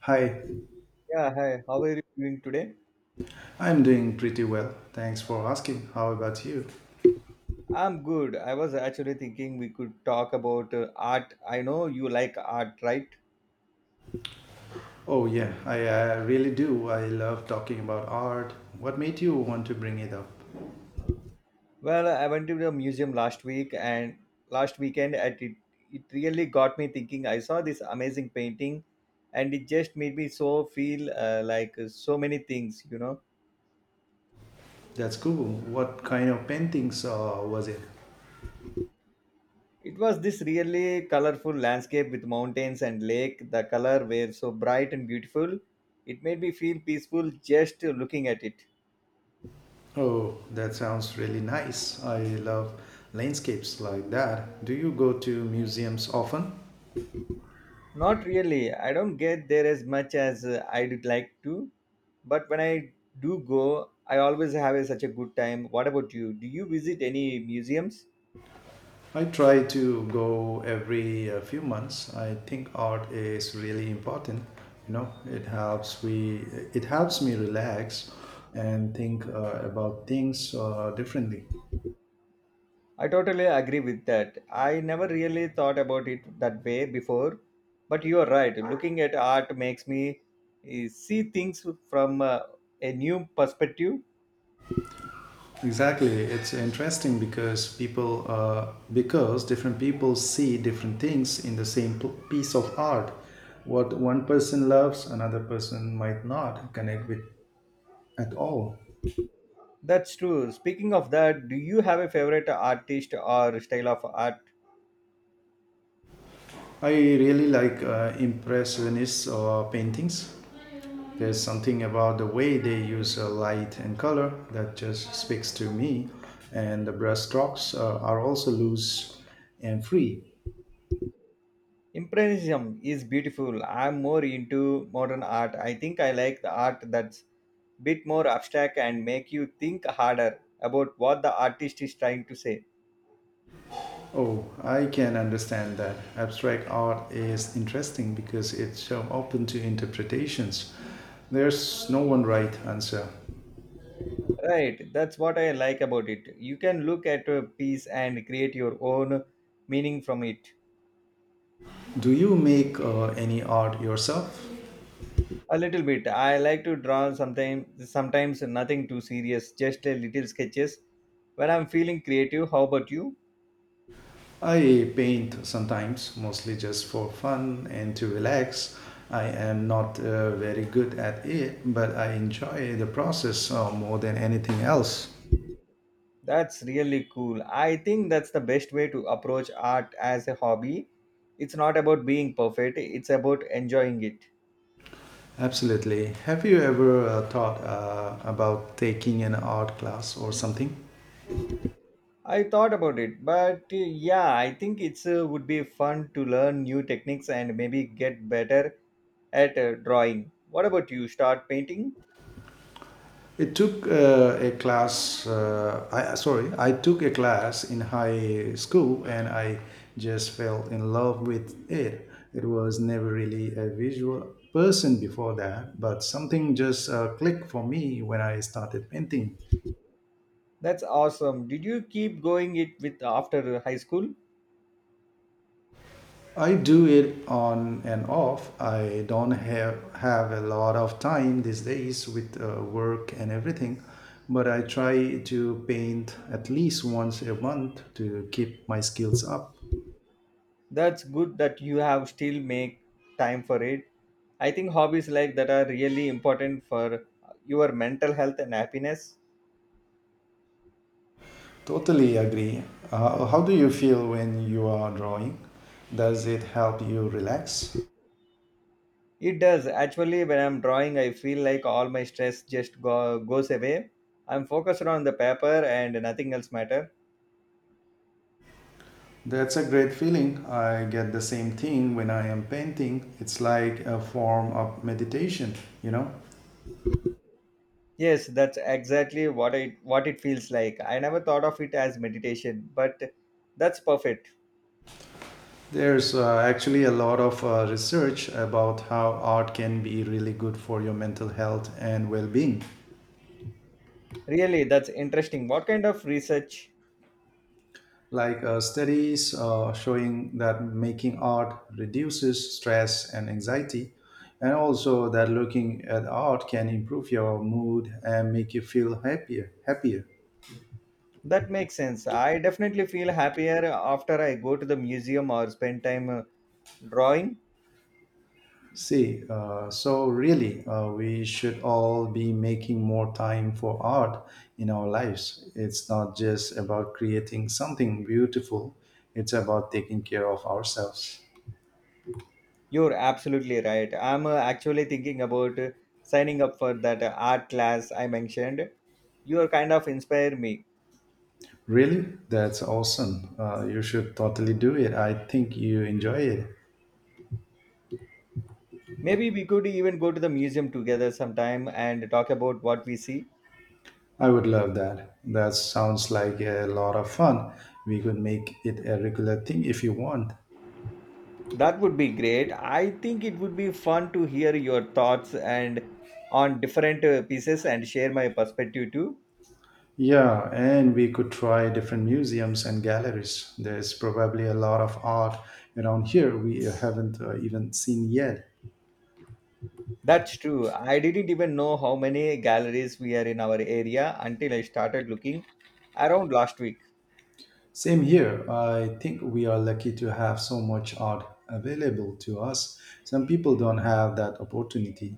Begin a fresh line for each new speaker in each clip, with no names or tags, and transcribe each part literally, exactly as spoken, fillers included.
Hi,
Yeah, hi. How are you doing today?
I'm doing pretty well. Thanks for asking. How about you?
I'm good. I was actually thinking we could talk about uh, art. I know you like art, right?
Oh, yeah, I, I really do. I love talking about art. What made you want to bring it up?
Well, I went to the museum last week and last weekend at it it really got me thinking. I saw this amazing painting, and it just made me so feel uh, like uh, so many things, you know.
That's cool. What kind of paintings uh, was it?
It was this really colorful landscape with mountains and lake. The color were so bright and beautiful. It made me feel peaceful just uh, looking at it.
Oh, that sounds really nice. I love landscapes like that. Do you go to museums often?
Not really. I don't get there as much as uh, I'd like to, but when I do go, I always have a, such a good time. What about you? Do you visit any museums?
I try to go every uh, few months. I think art is really important. You know, it helps we it helps me relax and think uh, about things uh, differently.
I totally agree with that. I never really thought about it that way before, but you are right. Looking at art makes me uh, see things from uh, a new perspective.
Exactly, it's interesting because people uh, because different people see different things in the same p- piece of art. What one person loves, another person might not connect with at all.
That's true. Speaking of that, do you have a favorite artist or style of art?
I really like uh, impressionist uh, paintings. There's something about the way they use uh, light and color that just speaks to me, and the brushstrokes uh, are also loose and free.
Impressionism is beautiful. I'm more into modern art. I think I like the art that's bit more abstract and make you think harder about what the artist is trying to say.
Oh, I can understand that. Abstract art is interesting because it's uh, open to interpretations. There's no one right answer.
Right, that's what I like about it. You can look at a piece and create your own meaning from it.
Do you make uh, any art yourself?
A little bit. I like to draw sometimes sometimes nothing too serious, just a little sketches when I'm feeling creative. How about you?
I paint sometimes, mostly just for fun and to relax. I am not uh, very good at it, but I enjoy the process uh, more than anything else.
That's really cool. I think that's the best way to approach art as a hobby. It's not about being perfect, it's about enjoying it.
Absolutely. Have you ever uh, thought uh, about taking an art class or something?
I thought about it, but uh, yeah, I think it's uh, would be fun to learn new techniques and maybe get better at uh, drawing. What about you? Start painting?
It took uh, a class. Uh, I sorry, I took a class in high school, and I just fell in love with it. It was never really a visual person before that, but something just uh, clicked for me when I started painting.
That's awesome. Did you keep going it with after high school?
I do it on and off. I don't have have a lot of time these days with uh, work and everything, but I try to paint at least once a month to keep my skills up.
That's good that you have still make time for it. I think hobbies like that are really important for your mental health and happiness.
Totally agree. Uh, how do you feel when you are drawing? Does it help you relax?
It does. Actually, when I'm drawing, I feel like all my stress just go, goes away. I'm focused on the paper and nothing else matter.
That's a great feeling. I get the same thing when I am painting. It's like a form of meditation, you know?
Yes, that's exactly what I what it feels like. I never thought of it as meditation, but that's perfect.
There's uh, actually a lot of uh, research about how art can be really good for your mental health and well being.
Really, that's interesting. What kind of research?
Like uh, studies uh, showing that making art reduces stress and anxiety, and also that looking at art can improve your mood and make you feel happier happier
That makes sense. I definitely feel happier after I go to the museum or spend time uh, drawing.
See, uh, so really, uh, we should all be making more time for art in our lives. It's not just about creating something beautiful, it's about taking care of ourselves.
You're absolutely right. I'm uh, actually thinking about uh, signing up for that uh, art class I mentioned. You are kind of inspire me.
Really? That's awesome. Uh, you should totally do it. I think you enjoy it.
Maybe we could even go to the museum together sometime and talk about what we see.
I would love that. That sounds like a lot of fun. We could make it a regular thing if you want.
That would be great. I think it would be fun to hear your thoughts and on different uh, pieces and share my perspective too.
Yeah, and we could try different museums and galleries. There's probably a lot of art around here we haven't uh, even seen yet.
That's true. I didn't even know how many galleries we are in our area until I started looking around last week.
Same here. I think we are lucky to have so much art available to us. Some people don't have that opportunity.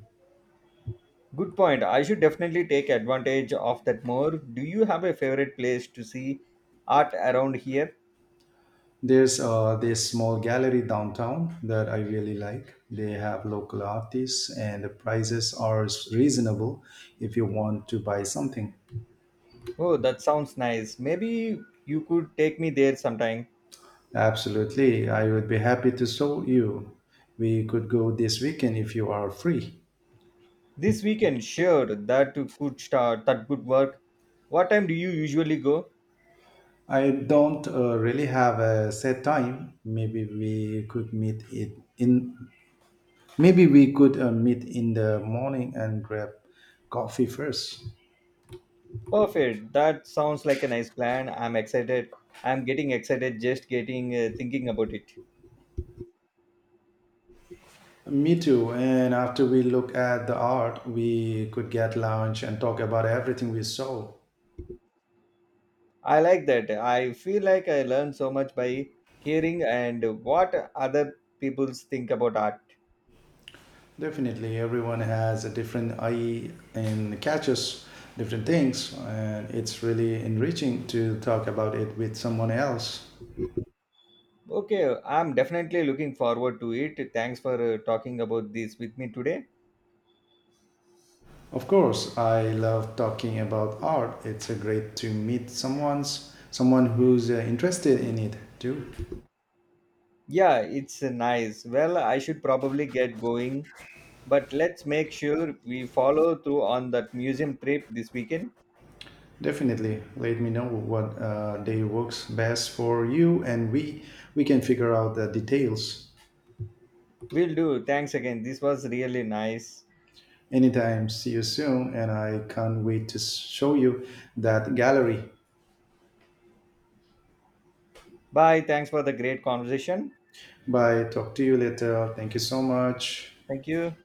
Good point. I should definitely take advantage of that more. Do you have a favorite place to see art around here?
There's uh, this small gallery downtown that I really like. They have local artists, and the prices are reasonable if you want to buy something.
Oh, that sounds nice. Maybe you could take me there sometime.
Absolutely, I would be happy to show you. We could go this weekend if you are free.
This weekend, sure, that you could start, that could work. What time do you usually go?
I don't uh, really have a set time. Maybe we could meet it in. Maybe we could uh, meet in the morning and grab coffee first.
Perfect. That sounds like a nice plan. I'm excited. I'm getting excited just getting uh, thinking about it.
Me too. And after we look at the art, we could get lunch and talk about everything we saw.
I like that. I feel like I learn so much by hearing and what other people think about art.
Definitely, everyone has a different eye and catches different things, and it's really enriching to talk about it with someone else.
Okay, I'm definitely looking forward to it. Thanks for uh, talking about this with me today.
Of course, I love talking about art. It's a great to meet someone's someone who's uh, interested in it too.
Yeah, it's uh, nice. Well, I should probably get going, but let's make sure we follow through on that museum trip this weekend.
Definitely, let me know what uh, day works best for you, and we we can figure out the details.
Will do. Thanks again. This was really nice.
Anytime, see you soon, and I can't wait to show you that gallery.
Bye. Thanks for the great conversation.
Bye. Talk to you later. Thank you so much.
Thank you.